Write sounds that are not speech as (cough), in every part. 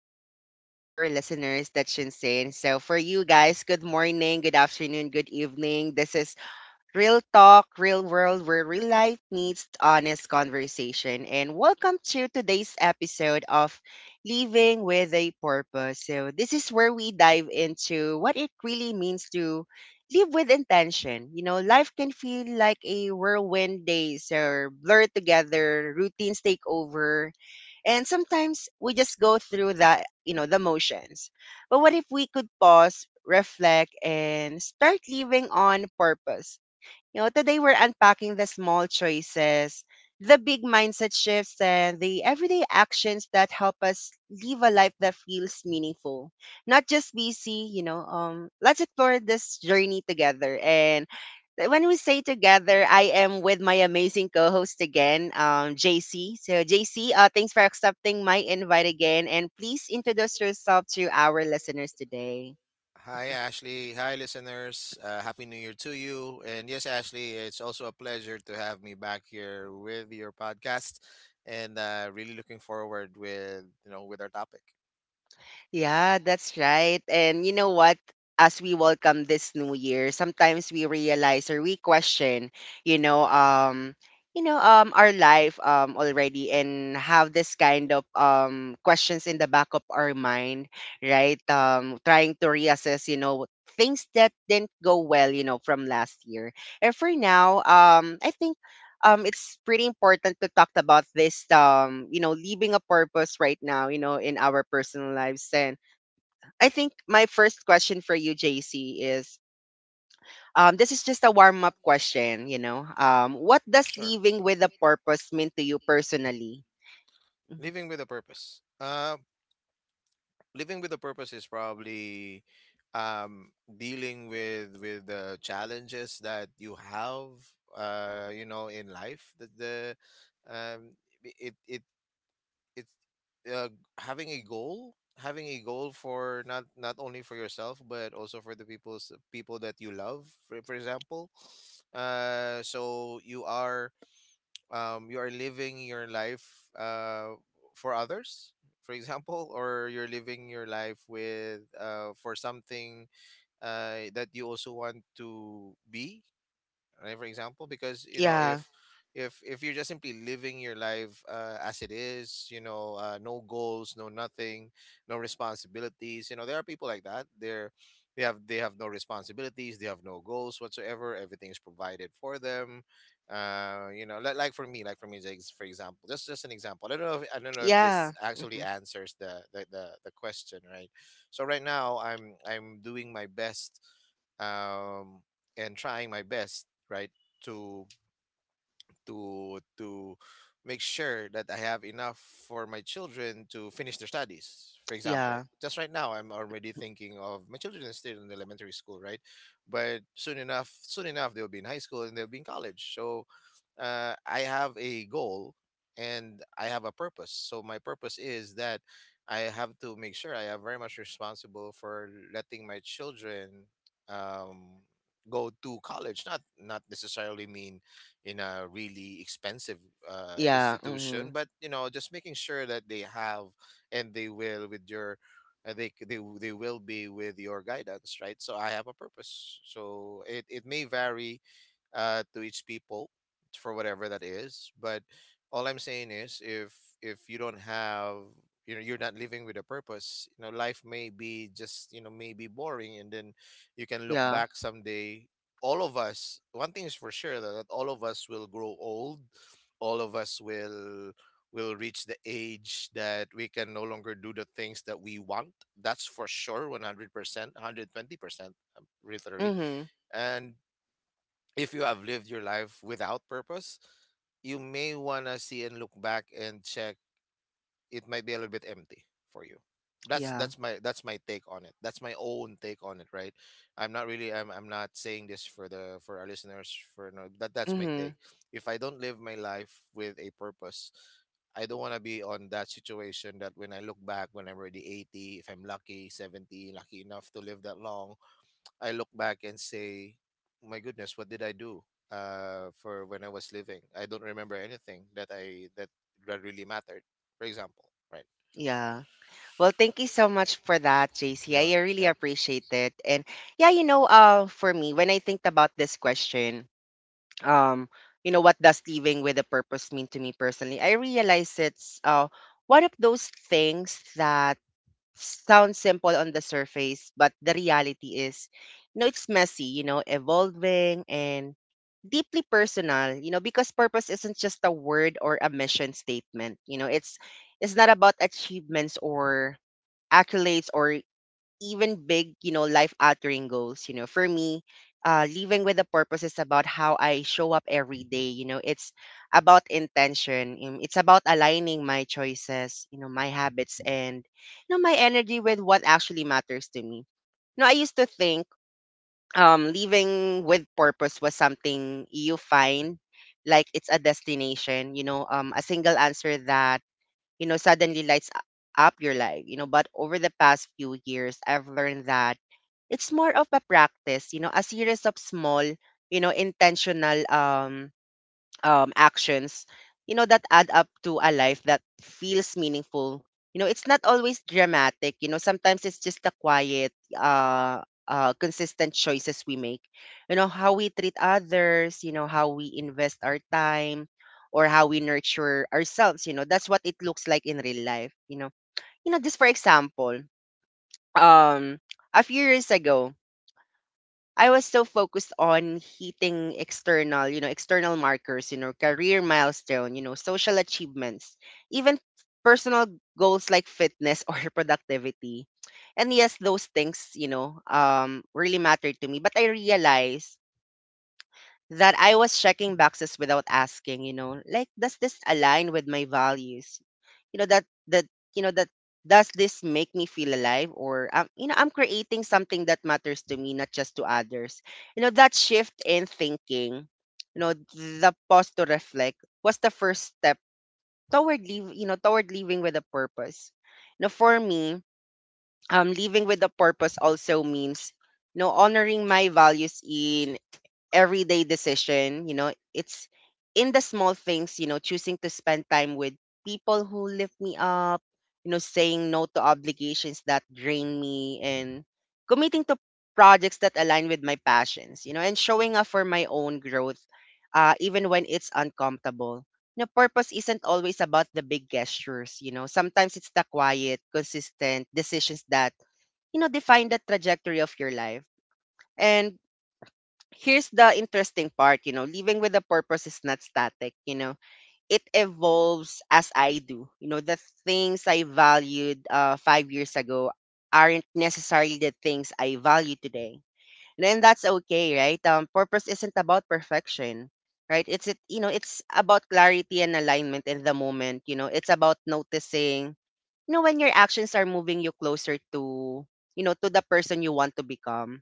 much to all of our listeners. That's insane. So, for you guys, good morning, good afternoon, good evening. This is Real Talk, Real World, where real life meets honest conversation. And welcome to today's episode of Living with a Purpose. So, this is where we dive into what it really means to live with intention. You know, life can feel like a whirlwind, days are blurred together, routines take over, and sometimes we just go through that, the motions. But what if we could pause, reflect, and start living on purpose? You know, today we're unpacking the small choices, the big mindset shifts, and the everyday actions that help us live a life that feels meaningful, not just busy. Let's explore this journey together. And when we say together, I am with my amazing co-host again, JC. So JC, thanks for accepting my invite again, and please introduce yourself to our listeners today. Hi, Ashley. Hi, listeners. Happy New Year to you. And yes, Ashley, it's also a pleasure to have me back here with your podcast, and really looking forward with you know with our topic. Yeah, that's right. And you know what? As we welcome this new year, sometimes we realize or we question, you know, um, our life already, and have this kind of questions in the back of our mind, right? Trying to reassess, you know, things that didn't go well, you know, from last year. And for now, I think it's pretty important to talk about this, you know, leaving a purpose right now, you know, in our personal lives. And I think my first question for you, JC, is, this is just a warm up question. What does Sure. leaving with a purpose mean to you personally? Mhm. Living with a purpose. Living with a purpose is probably dealing with the challenges that you have, you know, in life. That the um, it it it's uh, Having a goal, for not only for yourself but also for the people that you love, for example. So you are living your life for others, for example, or you're living your life with for something that you also want to be, right, for example. Because you know, Yeah. If you're just simply living your life, as it is, you know, no goals, no nothing, no responsibilities. You know, there are people like that. They're they have they have no responsibilities, they have no goals whatsoever, everything is provided for them. Uh, you know, like for me, for example, just an example. I don't know if this Yeah. actually Hmm. answers the question, right? So right now, I'm doing my best, um and trying my best, right, to to make sure that I have enough for my children to finish their studies. For example, Yeah. just right now I'm already thinking of my children are still in elementary school, right? But soon enough, they'll be in high school and they'll be in college. So I have a goal and I have a purpose. So my purpose is that I have to make sure I am very much responsible for letting my children um, go to college. Not necessarily mean in a really expensive Yeah. Hmm. institution, but you know, just making sure that they have and they will with your they, c- they w- they will be with your guidance, right? So I have a purpose. So it may vary to each people, for whatever that is. But all I'm saying is, if you don't have, you know, you're not living with a purpose. You know, life may be just, you know, maybe boring, and then you can look Yeah. back someday. All of us, one thing is for sure, that, that all of us will grow old. All of us will reach the age that we can no longer do the things that we want. That's for sure, 100%, 120%, literally. Hmm. And if you have lived your life without purpose, you may wanna see and look back and check. It might be a little bit empty for you. Yeah. That's my take on it. That's my own take on it, right? I'm not saying this for the for our listeners, for no, that's my Hmm. take. If I don't live my life with a purpose, I don't wanna be on that situation that when I look back when I'm already 80, if I'm lucky, 70, lucky enough to live that long, I look back and say, "My goodness, what did I do for when I was living? I don't remember anything that I that that really mattered." For example, right? Yeah. Well, thank you so much for that, JC. Yeah. I really Yep. appreciate it. And yeah, you know, for me, when I think about this question, um, you know, what does living with a purpose mean to me personally? I realize it's one of those things that sound simple on the surface, but the reality is, you know, it's messy, you know, evolving and deeply personal, you know, because purpose isn't just a word or a mission statement. You know, it's not about achievements or accolades or even big, you know, life altering goals. You know, for me, living with a purpose is about how I show up every day. You know, it's about intention. It's about aligning my choices, you know, my habits, and, you know, my energy with what actually matters to me. You know, I used to think living with purpose was something you find, like it's a destination, you know, a single answer that, you know, suddenly up your life, you know. But over the past few years, I've learned that it's more of a practice, you know, a series of small, you know, intentional actions, you know, that add up to a life that feels meaningful. You know, it's not always dramatic. You know, sometimes it's just the quiet, consistent choices we make. You know, how we treat others, you know, how we invest our time, or how we nurture ourselves. You know, that's what it looks like in real life. You know, just for example, um, a few years ago, I was so focused on hitting external, you know, external markers, you know, career milestone, you know, social achievements, even personal goals like fitness (laughs) or productivity. And yes, those things, you know, really mattered to me. But I realized that I was checking boxes without asking, you know, like, does this align with my values? You know that that you know that does this make me feel alive? Or you know, I'm creating something that matters to me, not just to others. You know, that shift in thinking, you know, the pause to reflect was the first step toward you know, toward living with a purpose. You know, for me, living with a purpose also means, you know, honoring my values in everyday decision. You know, it's in the small things, you know, choosing to spend time with people who lift me up, you know, saying no to obligations that drain me, and committing to projects that align with my passions, you know, and showing up for my own growth, even when it's uncomfortable. You know, purpose isn't always about the big gestures, you know, sometimes it's the quiet, consistent decisions that, you know, define the trajectory of your life. And here's the interesting part, you know, living with a purpose is not static, you know. It evolves as I do. You know, the things I valued 5 years ago aren't necessarily the things I value today. And then that's okay, right? Purpose isn't about perfection, right? You know, it's about clarity and alignment in the moment, you know. It's about noticing, you know, when your actions are moving you closer to, you know, to the person you want to become,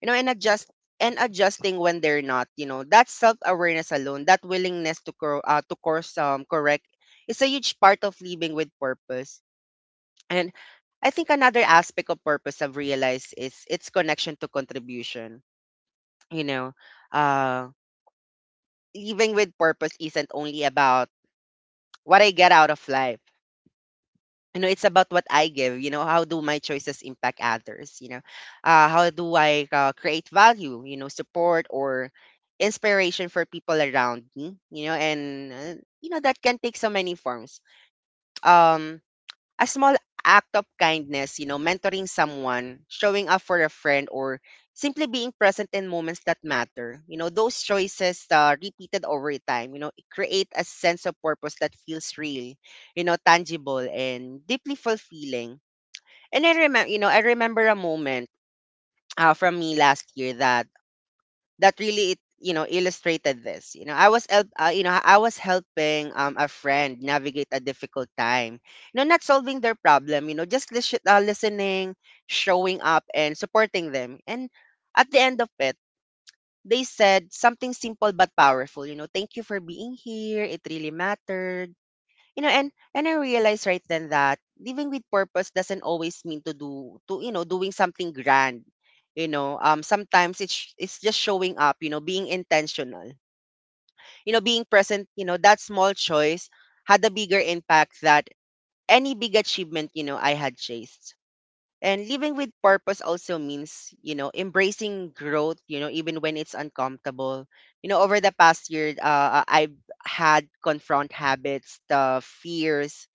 you know, and adjust and adjusting when they're not, you know, that self-awareness alone, that willingness to to course correct, is a huge part of living with purpose. And I think another aspect of purpose I've realized is its connection to contribution. You know, uh, living with purpose isn't only about what I get out of life. You know, it's about what I give. You know, how do my choices impact others? You know, how do I create value, you know, support, or inspiration for people around me? You know, and you know, that can take so many forms. um a small act of kindness, you know, mentoring someone, showing up for a friend, or simply being present in moments that matter. You know, those choices, repeated over time, you know, it create a sense of purpose that feels real, you know, tangible and deeply fulfilling. And I remember, you know, I remember a moment from me last year that that really, it, you know, illustrated this. You know, I was help you know, I was helping a friend navigate a difficult time, you know, not solving their problem, you know, just listening, showing up and supporting them. And at the end of it, they said something simple but powerful. You know, "Thank you for being here. It really mattered." You know, and I realized right then that living with purpose doesn't always mean to do to you know, doing something grand. You know, sometimes it's just showing up, you know, being intentional, you know, being present. You know, that small choice had a bigger impact that any big achievement, you know, I had chased. And living with purpose also means, you know, embracing growth, you know, even when it's uncomfortable. You know, over the past year, I've had confront habits, the fears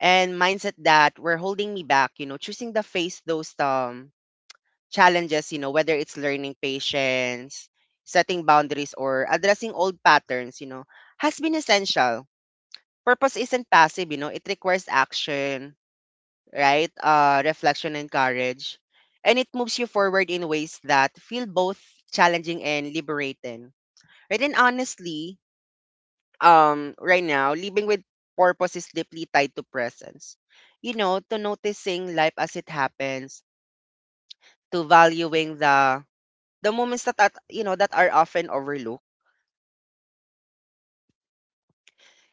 and mindset that were holding me back, you know, choosing to face those challenges, you know, whether it's learning patience, setting boundaries, or addressing old patterns, you know, has been essential. Purpose isn't passive, you know, it requires action, right? Uh, reflection and courage. And it moves you forward in ways that feel both challenging and liberating. Right? And honestly, right now living with purpose is deeply tied to presence, you know, to noticing life as it happens, to valuing the moments that, you know, that are often overlooked.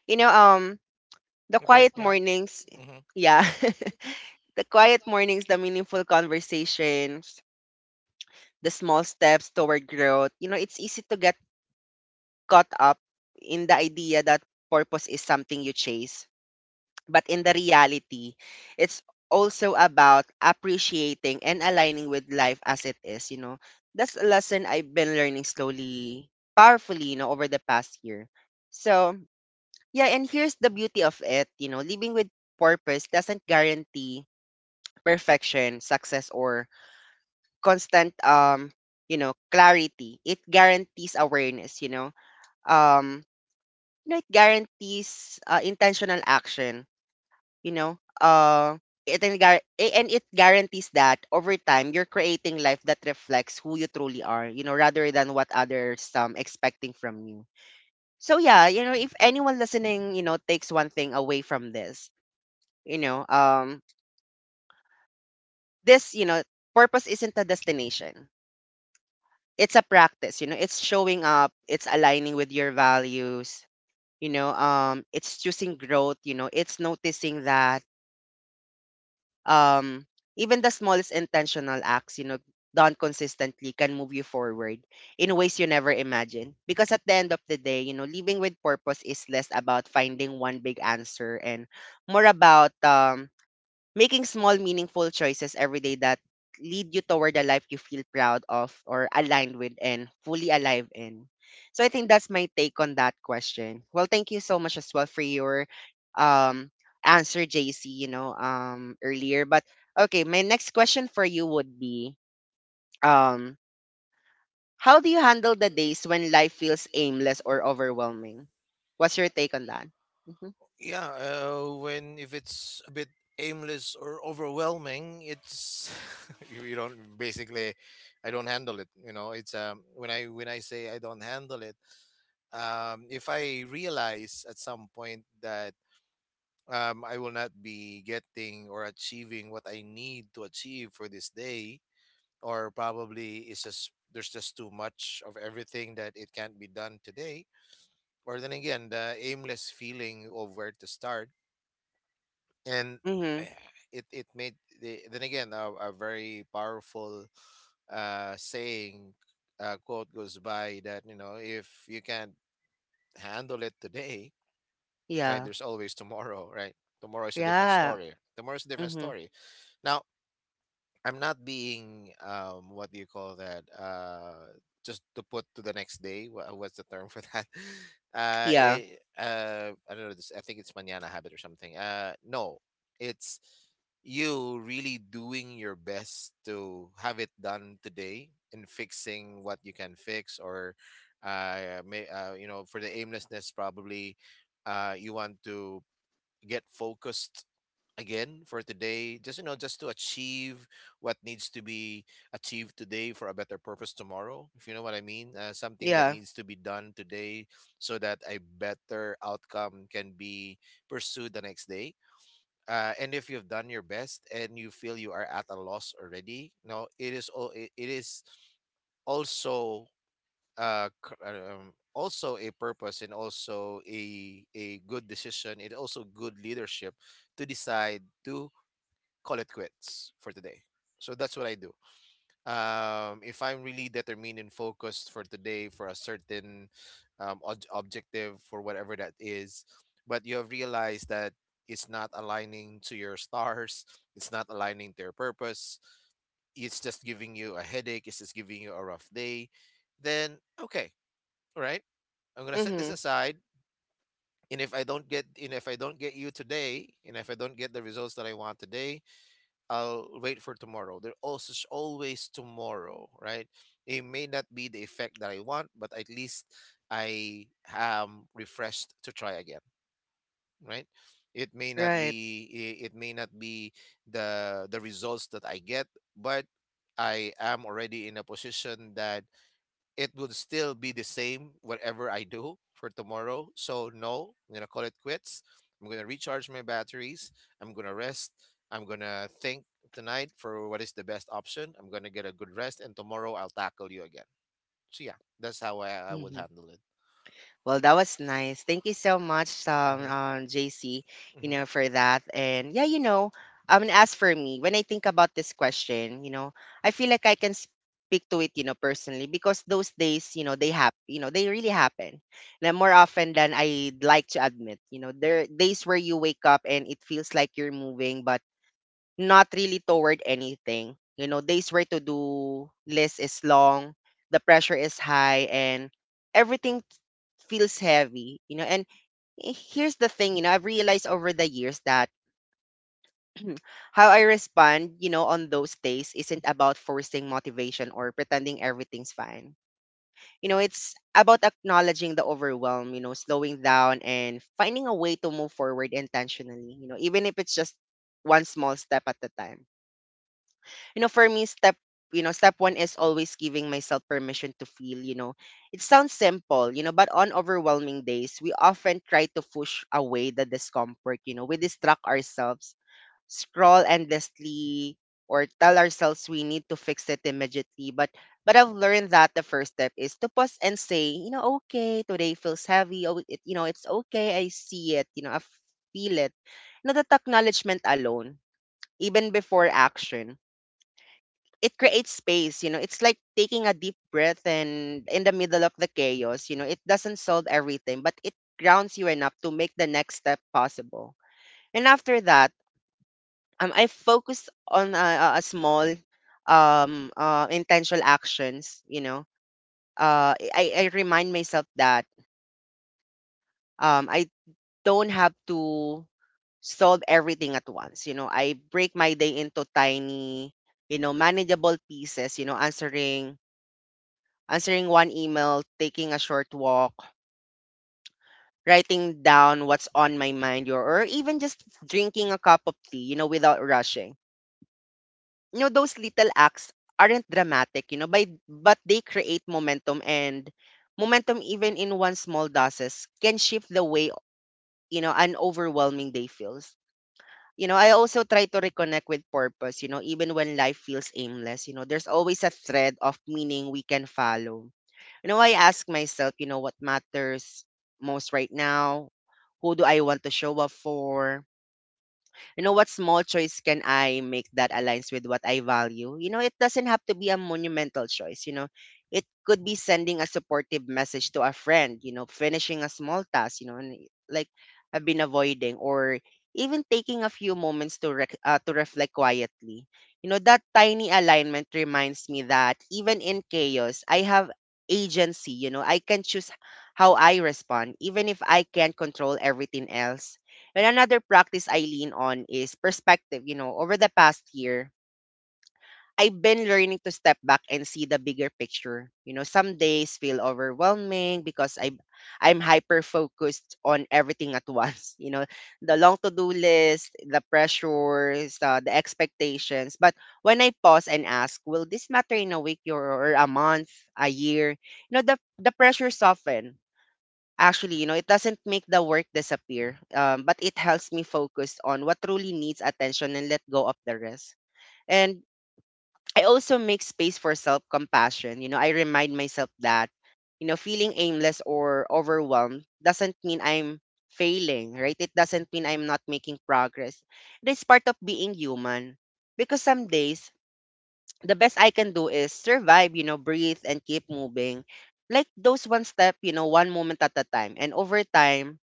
You know, the Okay. quiet Yeah. mornings, Hmm. yeah, (laughs) the quiet mornings, the meaningful conversations, the small steps toward growth. You know, it's easy to get caught up in the idea that purpose is something you chase. But in the reality, it's also about appreciating and aligning with life as it is, you know. That's a lesson I've been learning slowly, powerfully, you know, over the past year. So, yeah, and here's the beauty of it, you know, living with purpose doesn't guarantee perfection, success, or constant, you know, clarity. It guarantees awareness, you know. Um, you know, it guarantees, intentional action, you know, it and, gar- a- and it guarantees that over time you're creating life that reflects who you truly are, you know, rather than what others expecting from you. So yeah, you know, if anyone listening, you know, takes one thing away from this, you know um you know, purpose isn't a destination, it's a practice. You know, it's showing up, it's aligning with your values, you know, it's choosing growth, you know, it's noticing that, um, even the smallest intentional acts, you know, done consistently, can move you forward in ways you never imagined. Because at the end of the day, you know, living with purpose is less about finding one big answer and more about making small, meaningful choices every day that lead you toward a life you feel proud of or aligned with and fully alive in. So I think that's my take on that question. Well, thank you so much as well for your um answer, JC, you know, earlier. But okay, my next question for you would be um how do you handle the days when life feels aimless or overwhelming? What's your take on that? Hmm. Yeah. When if it's a bit aimless or overwhelming, it's (laughs) you don't basically. I don't handle it. You know, it's when I say I don't handle it. If I realize at some point that I will not be getting or achieving what I need to achieve for this day, or probably it's just there's just too much of everything that it can't be done today. Or then again, the aimless feeling of where to start, and eh, Hmm. it made, the, then again, a very powerful saying, quote goes by, that you know, if you can't handle it today, right? Yeah. There's always tomorrow, right? Tomorrow is a different Yeah. story. Tomorrow is a different Hmm. story. Now, I'm not being what do you call that? Just to put to the next day. What's the term for that? (laughs) Yeah. I don't know. This, I think it's manana habit or something. No, it's you really doing your best to have it done today and fixing what you can fix. Or you know, for the aimlessness, probably you want to get focused again for today, just you know, just to achieve what needs to be achieved today for a better purpose tomorrow, if you know what I mean. Something that Yeah. needs to be done today so that a better outcome can be pursued the next day. And if you've done your best and you feel you are at a loss already, no, it is all, it is also also a purpose and also a good decision and also good leadership to decide to call it quits for today. So that's what I do. If I'm really determined and focused for today for a certain objective for whatever that is, but you have realized that it's not aligning to your stars, it's not aligning to your purpose, it's just giving you a headache, it's just giving you a rough day, then okay, all right. I'm gonna set this Hmm. aside. And if I don't get you today, and if I don't get the results that I want today, I'll wait for tomorrow. There also is always tomorrow, right? It may not be the effect that I want, but at least I am refreshed to try again, right? Right. It may not be the results that I get, but I am already in a position that it would still be the same whatever I do for tomorrow. So no, I'm gonna call it quits. I'm gonna recharge my batteries. I'm gonna rest. I'm gonna think tonight for what is the best option. I'm gonna get a good rest, and tomorrow I'll tackle you again. So yeah, that's how I would Hmm. handle it. Well, that was nice. Thank you so much, JC, you Hmm. know, for that. And yeah, you know, I mean, as for me, when I think about this question, you know, I feel like I can speak to it, you know, personally, because those days, you know, they happen, you know, they really happen. And more often than I'd like to admit, you know, there are days where you wake up and it feels like you're moving, but not really toward anything. You know, days where to do list is long, the pressure is high, and everything feels heavy, you know. And here's the thing, you know, I've realized over the years that (clears throat) how I respond, you know, on those days isn't about forcing motivation or pretending everything's fine. You know, it's about acknowledging the overwhelm, you know, slowing down and finding a way to move forward intentionally, you know, even if it's just one small step at a time. You know, for me, step, you know, step one is always giving myself permission to feel, you know. It sounds simple, you know, but on overwhelming days we often try to push away the discomfort. You know, we distract ourselves, scroll endlessly, or tell ourselves we need to fix it immediately, but I've learned that the first step is to pause and say, you know, okay, today feels heavy. Oh it, you know, it's okay, I see it, you know, I feel it. Not that acknowledgement alone, even before action, it creates space. You know, it's like taking a deep breath and in the middle of the chaos. You know, it doesn't solve everything, but it grounds you enough to make the next step possible. And after that, I focus on a small intentional actions, you know. I remind myself that I don't have to solve everything at once. You know, I break my day into tiny, you know, manageable pieces, you know, answering one email, taking a short walk, writing down what's on my mind, or, even just drinking a cup of tea, you know, without rushing. You know, those little acts aren't dramatic, you know, but they create momentum and momentum even in one small doses can shift the way, you know, an overwhelming day feels. You know, I also try to reconnect with purpose, you know, even when life feels aimless, you know, there's always a thread of meaning we can follow. You know, I ask myself, you know, what matters most right now? Who do I want to show up for? You know, what small choice can I make that aligns with what I value? You know, it doesn't have to be a monumental choice. You know, it could be sending a supportive message to a friend, you know, finishing a small task, you know, and like I've been avoiding, or even taking a few moments to to reflect quietly. You know, that tiny alignment reminds me that even in chaos I have agency. You know, I can choose how I respond even if I can't control everything else. And another practice I lean on is perspective. You know, over the past year, I've been learning to step back and see the bigger picture. You know, some days feel overwhelming because I'm hyper focused on everything at once. (laughs) You know, the long to-do list, the pressures, the expectations. But when I pause and ask, will this matter in a week or, a month, a year? You know, the pressure soften. Actually, you know, it doesn't make the work disappear, but it helps me focus on what truly needs attention and let go of the rest. And I also make space for self compassion. You know, I remind myself that, you know, feeling aimless or overwhelmed doesn't mean I'm failing, right? It doesn't mean I'm not making progress. It is part of being human because some days, the best I can do is survive, you know, breathe and keep moving. Like those one step, you know, one moment at a time. And over time,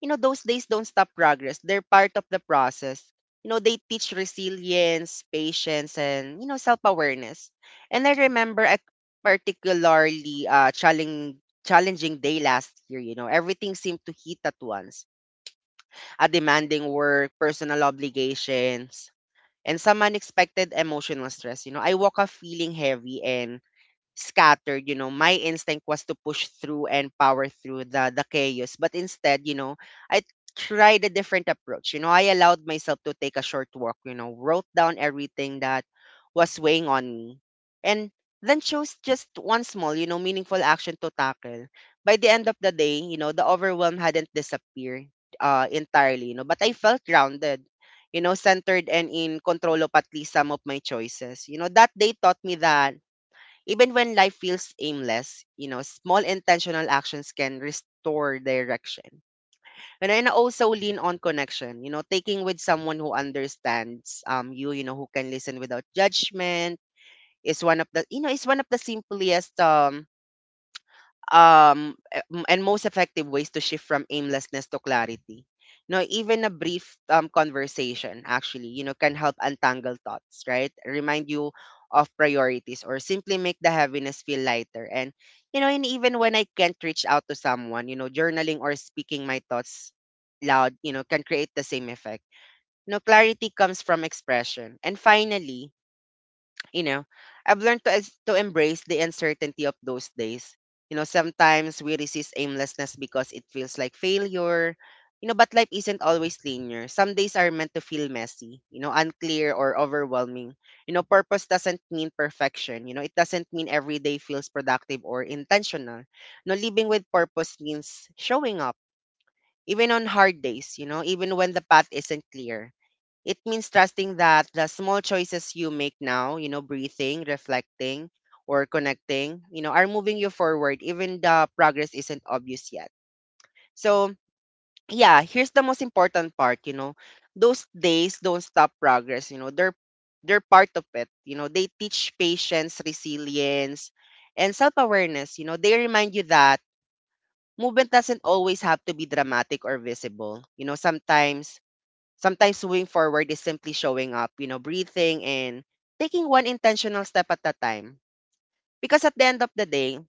you know, those days don't stop progress. They're part of the process. You know, they teach resilience, patience, and, you know, self awareness. And I remember a particularly challenging day last year. You know, everything seemed to hit at once, a demanding work, personal obligations, and some unexpected emotional stress. You know, I woke up feeling heavy and scattered. You know, my instinct was to push through and power through the chaos, but instead, you know, I tried a different approach. You know, I allowed myself to take a short walk, you know, wrote down everything that was weighing on me, and then chose just one small, you know, meaningful action to tackle. By the end of the day, you know, the overwhelm hadn't disappeared entirely, you know, but I felt grounded, you know, centered and in control of at least some of my choices. You know, that day taught me that even when life feels aimless, you know, small intentional actions can restore direction. And then also lean on connection, you know, taking with someone who understands you, you know, who can listen without judgment is one of the, you know, is one of the simplest and most effective ways to shift from aimlessness to clarity. You know, even a brief conversation actually, you know, can help untangle thoughts, right, remind you of priorities or simply make the heaviness feel lighter. And you know, and even when I can't reach out to someone, you know, journaling or speaking my thoughts loud, you know, can create the same effect. You know, clarity comes from expression. And finally, you know, I've learned to to embrace the uncertainty of those days. You know, sometimes we resist aimlessness because it feels like failure. You know, but life isn't always linear. Some days are meant to feel messy, you know, unclear or overwhelming. You know, purpose doesn't mean perfection. You know, it doesn't mean every day feels productive or intentional. No, living with purpose means showing up, even on hard days, you know, even when the path isn't clear. It means trusting that the small choices you make now, you know, breathing, reflecting, or connecting, you know, are moving you forward, even the progress isn't obvious yet. So, yeah, here's the most important part, you know, those days don't stop progress, you know, they're part of it. You know, they teach patience, resilience, and self-awareness. You know, they remind you that movement doesn't always have to be dramatic or visible. You know, sometimes moving forward is simply showing up, you know, breathing and taking one intentional step at a time. Because at the end of the day,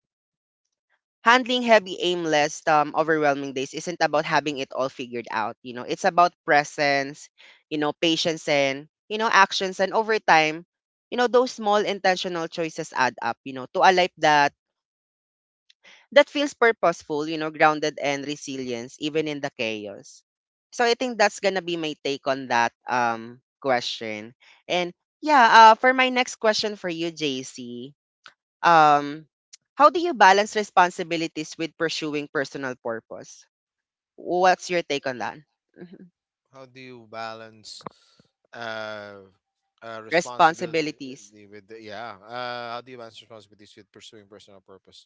handling heavy, aimless, overwhelming days isn't about having it all figured out. You know, it's about presence, you know, patience and, you know, actions. And over time, you know, those small intentional choices add up, you know, to a life that feels purposeful, you know, grounded and resilience even in the chaos. So I think that's gonna be my take on that question. And yeah, for my next question for you, JC, um how do you balance responsibilities with pursuing personal purpose? What's your take on that? Mhm. How do you balance uh, responsibility Responsibilities. with the, yeah? How do you balance responsibilities with pursuing personal purpose?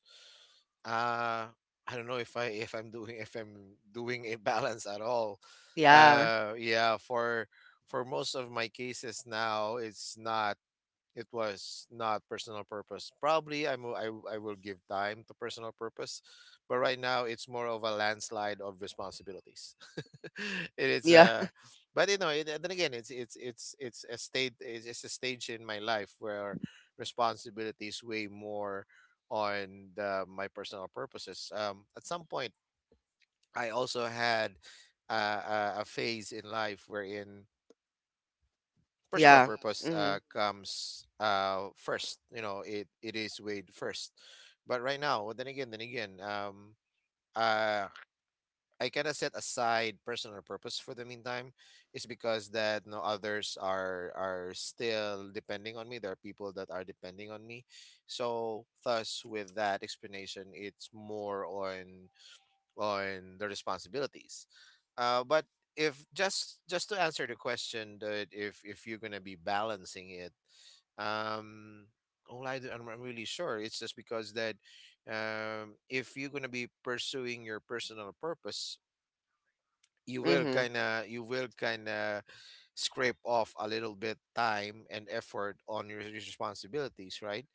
Uh, I don't know if I'm doing if I'm doing a balance at all. Yeah. Yeah, for most of my cases now, it's not, it was not personal purpose. Probably I will give time to personal purpose, but right now it's more of a landslide of responsibilities. (laughs) It is Yeah. a, (laughs) but you know, it, then again, it's a state, it's a stage in my life where responsibilities weigh more on the, my personal purposes. At some point, I also had a phase in life wherein personal, yeah, Yeah. purpose Mhm. Comes first. You know, it is weighed first. But right now, uh, I kind of set aside personal purpose for the meantime, is because that no, others are still depending on me. There are people that are depending on me, so thus with that explanation, it's more on the responsibilities. But if, just just to answer the question, that if you're gonna be balancing it, um, all I do, I'm not really sure. It's just because that, if you're gonna be pursuing your personal purpose, you will Mhm. kind of, scrape off a little bit time and effort on your responsibilities, right?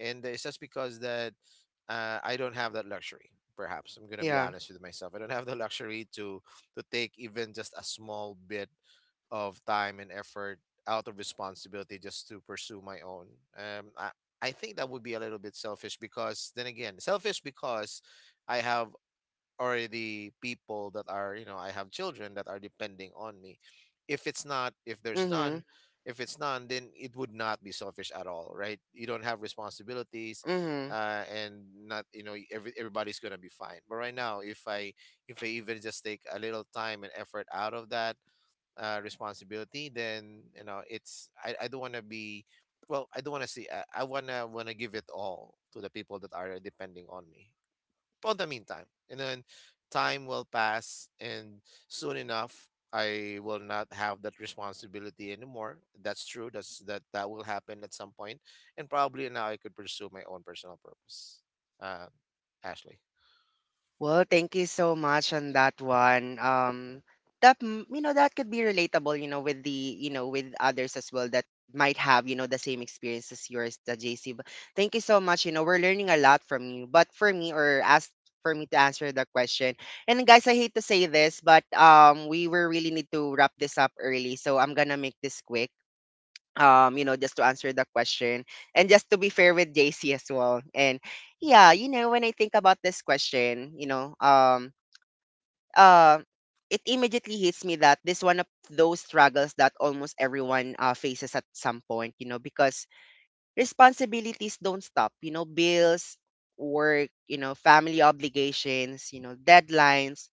And it's just because that I don't have that luxury. Perhaps I'm gonna be Yeah. honest with myself. I don't have the luxury to take even just a small bit of time and effort out of responsibility just to pursue my own. Um, I I think that would be a little bit selfish, because then again, selfish because I have already people that, are you know, I have children that are depending on me. If it's not, Mhm. if it's none, then it would not be selfish at all, right? You don't have responsibilities, Mhm. And not, you know, everybody's gonna be fine. But right now, if I, if I even just take a little time and effort out of that responsibility, then, you know, I don't want to be, I don't want to see, I want to give it all to the people that are depending on me on the meantime. And then time will pass, and soon enough, I will not have that responsibility anymore. That's true. That will happen at some point, and probably now I could pursue my own personal purpose. Um, Ashley, Well, thank you so much on that one. That mm, you know, that could be relatable, you know, with the, you know, with others as well that might have, you know, the same experience as yours, the JC. But thank you so much. You know, we're learning a lot from you. But for me, or as for me to answer the question, and guys, I hate to say this, but we will really need to wrap this up early, so I'm gonna make this quick. Just to answer the question and just to be fair with JC as well. And when I think about this question, uh it immediately hits me that this one of those struggles that almost everyone faces at some point, you know, because responsibilities don't stop, you know, bills, work, you know, family obligations, you know, deadlines.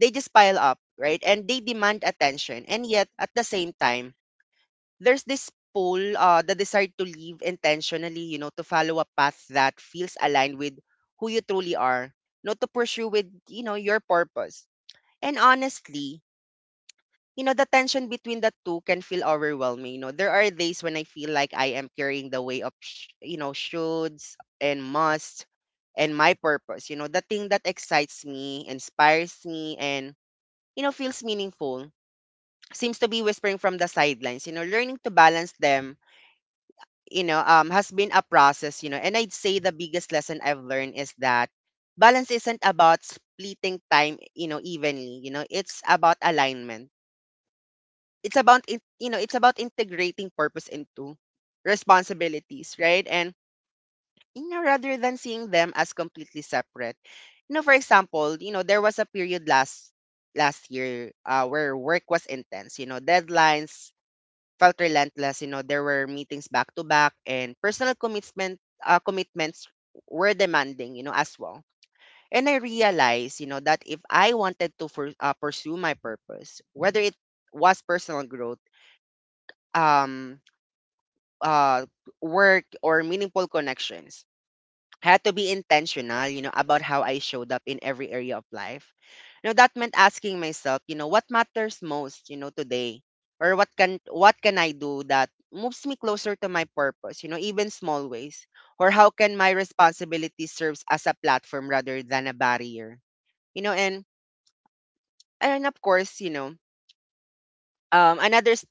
They just pile up, right? And they demand attention. And yet at the same time, there's this pull, the desire to live intentionally, you know, to follow a path that feels aligned with who you truly are, not to pursue with, you know, your purpose. And honestly, you know, the tension between the two can feel overwhelming. You know, there are days when I feel like I am carrying the weight of, you know, shoulds and must, and my purpose, you know, the thing that excites me, inspires me, and, you know, feels meaningful, seems to be whispering from the sidelines. You know, learning to balance them, has been a process. You know, and I'd say the biggest lesson I've learned is that balance isn't about splitting time, you know, evenly. You know, it's about alignment. You know, it's about integrating purpose into responsibilities, right? And, you know, rather than seeing them as completely separate. You know, for example, you know, there was a period last year, where work was intense. You know, deadlines felt relentless. You know, there were meetings back to back, and personal commitments were demanding, you know, as well. And I realized, you know, that if I wanted to pursue my purpose, whether it was personal growth, um, uh, work, or meaningful connections, had to be intentional, you know, about how I showed up in every area of life. Now that meant asking myself, you know, what matters most, you know, today, or what can I do that moves me closer to my purpose, you know, even small ways, or how can my responsibility serves as a platform rather than a barrier, you know, and of course, you know, um, another s-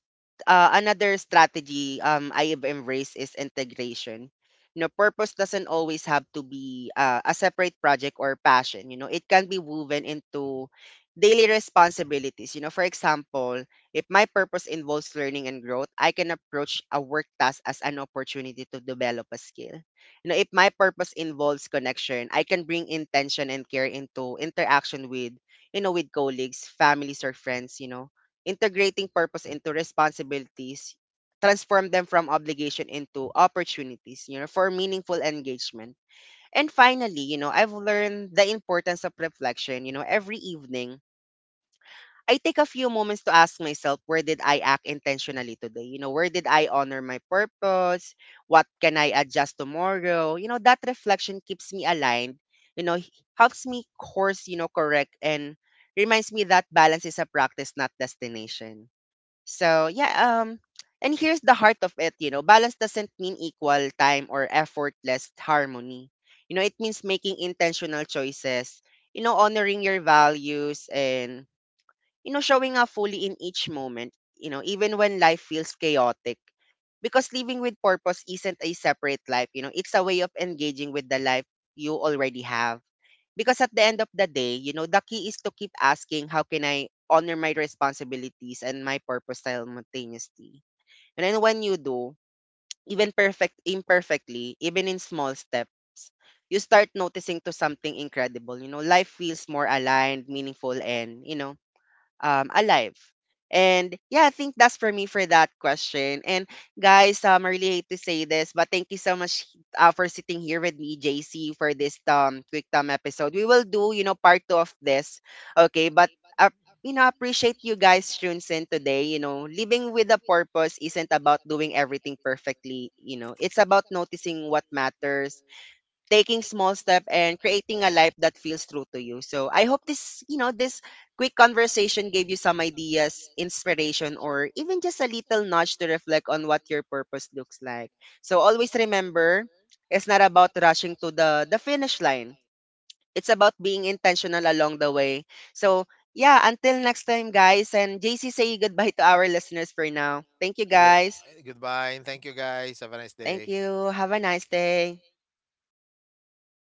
another strategy I have embraced is integration. You know, purpose doesn't always have to be a separate project or passion. You know, it can be woven into daily responsibilities. You know, for example, if my purpose involves learning and growth, I can approach a work task as an opportunity to develop a skill. You know, if my purpose involves connection, I can bring intention and care into interaction with, you know, with colleagues, families, or friends. You know, integrating purpose into responsibilities transform them from obligation into opportunities, you know, for meaningful engagement. And finally, you know, I've learned the importance of reflection. You know, every evening I take a few moments to ask myself, where did I act intentionally today? You know, where did I honor my purpose? What can I adjust tomorrow? You know, that reflection keeps me aligned. you know h- Helps me course, you know, correct, and reminds me that balance is a practice, not destination. So yeah, um, and here's the heart of it, you know, balance doesn't mean equal time or effortless harmony. You know, it means making intentional choices, you know, honoring your values and, you know, showing up fully in each moment, you know, even when life feels chaotic. Because living with purpose isn't a separate life, you know, it's a way of engaging with the life you already have. Because at the end of the day, you know, the key is to keep asking, how can I honor my responsibilities and my purpose simultaneously? And then when you do, even perfect imperfectly, even in small steps, you start noticing to something incredible. You know, life feels more aligned, meaningful, and, alive. And yeah, I think that's for me for that question. And guys, I really hate to say this, but thank you so much for sitting here with me, JC, for this quick time episode. We will do, you know, part two of this, okay? But you know, appreciate you guys tunes in today. You know, living with a purpose isn't about doing everything perfectly. You know, it's about noticing what matters, taking small step and creating a life that feels true to you. So I hope this, you know, this quick conversation gave you some ideas, inspiration, or even just a little nudge to reflect on what your purpose looks like. So always remember, it's not about rushing to the finish line. It's about being intentional along the way. So yeah, until next time, guys. And JC, say goodbye to our listeners for now. Thank you, le- guys. goodbye, and thank you guys. Have a nice Thank day. you. Have a nice day.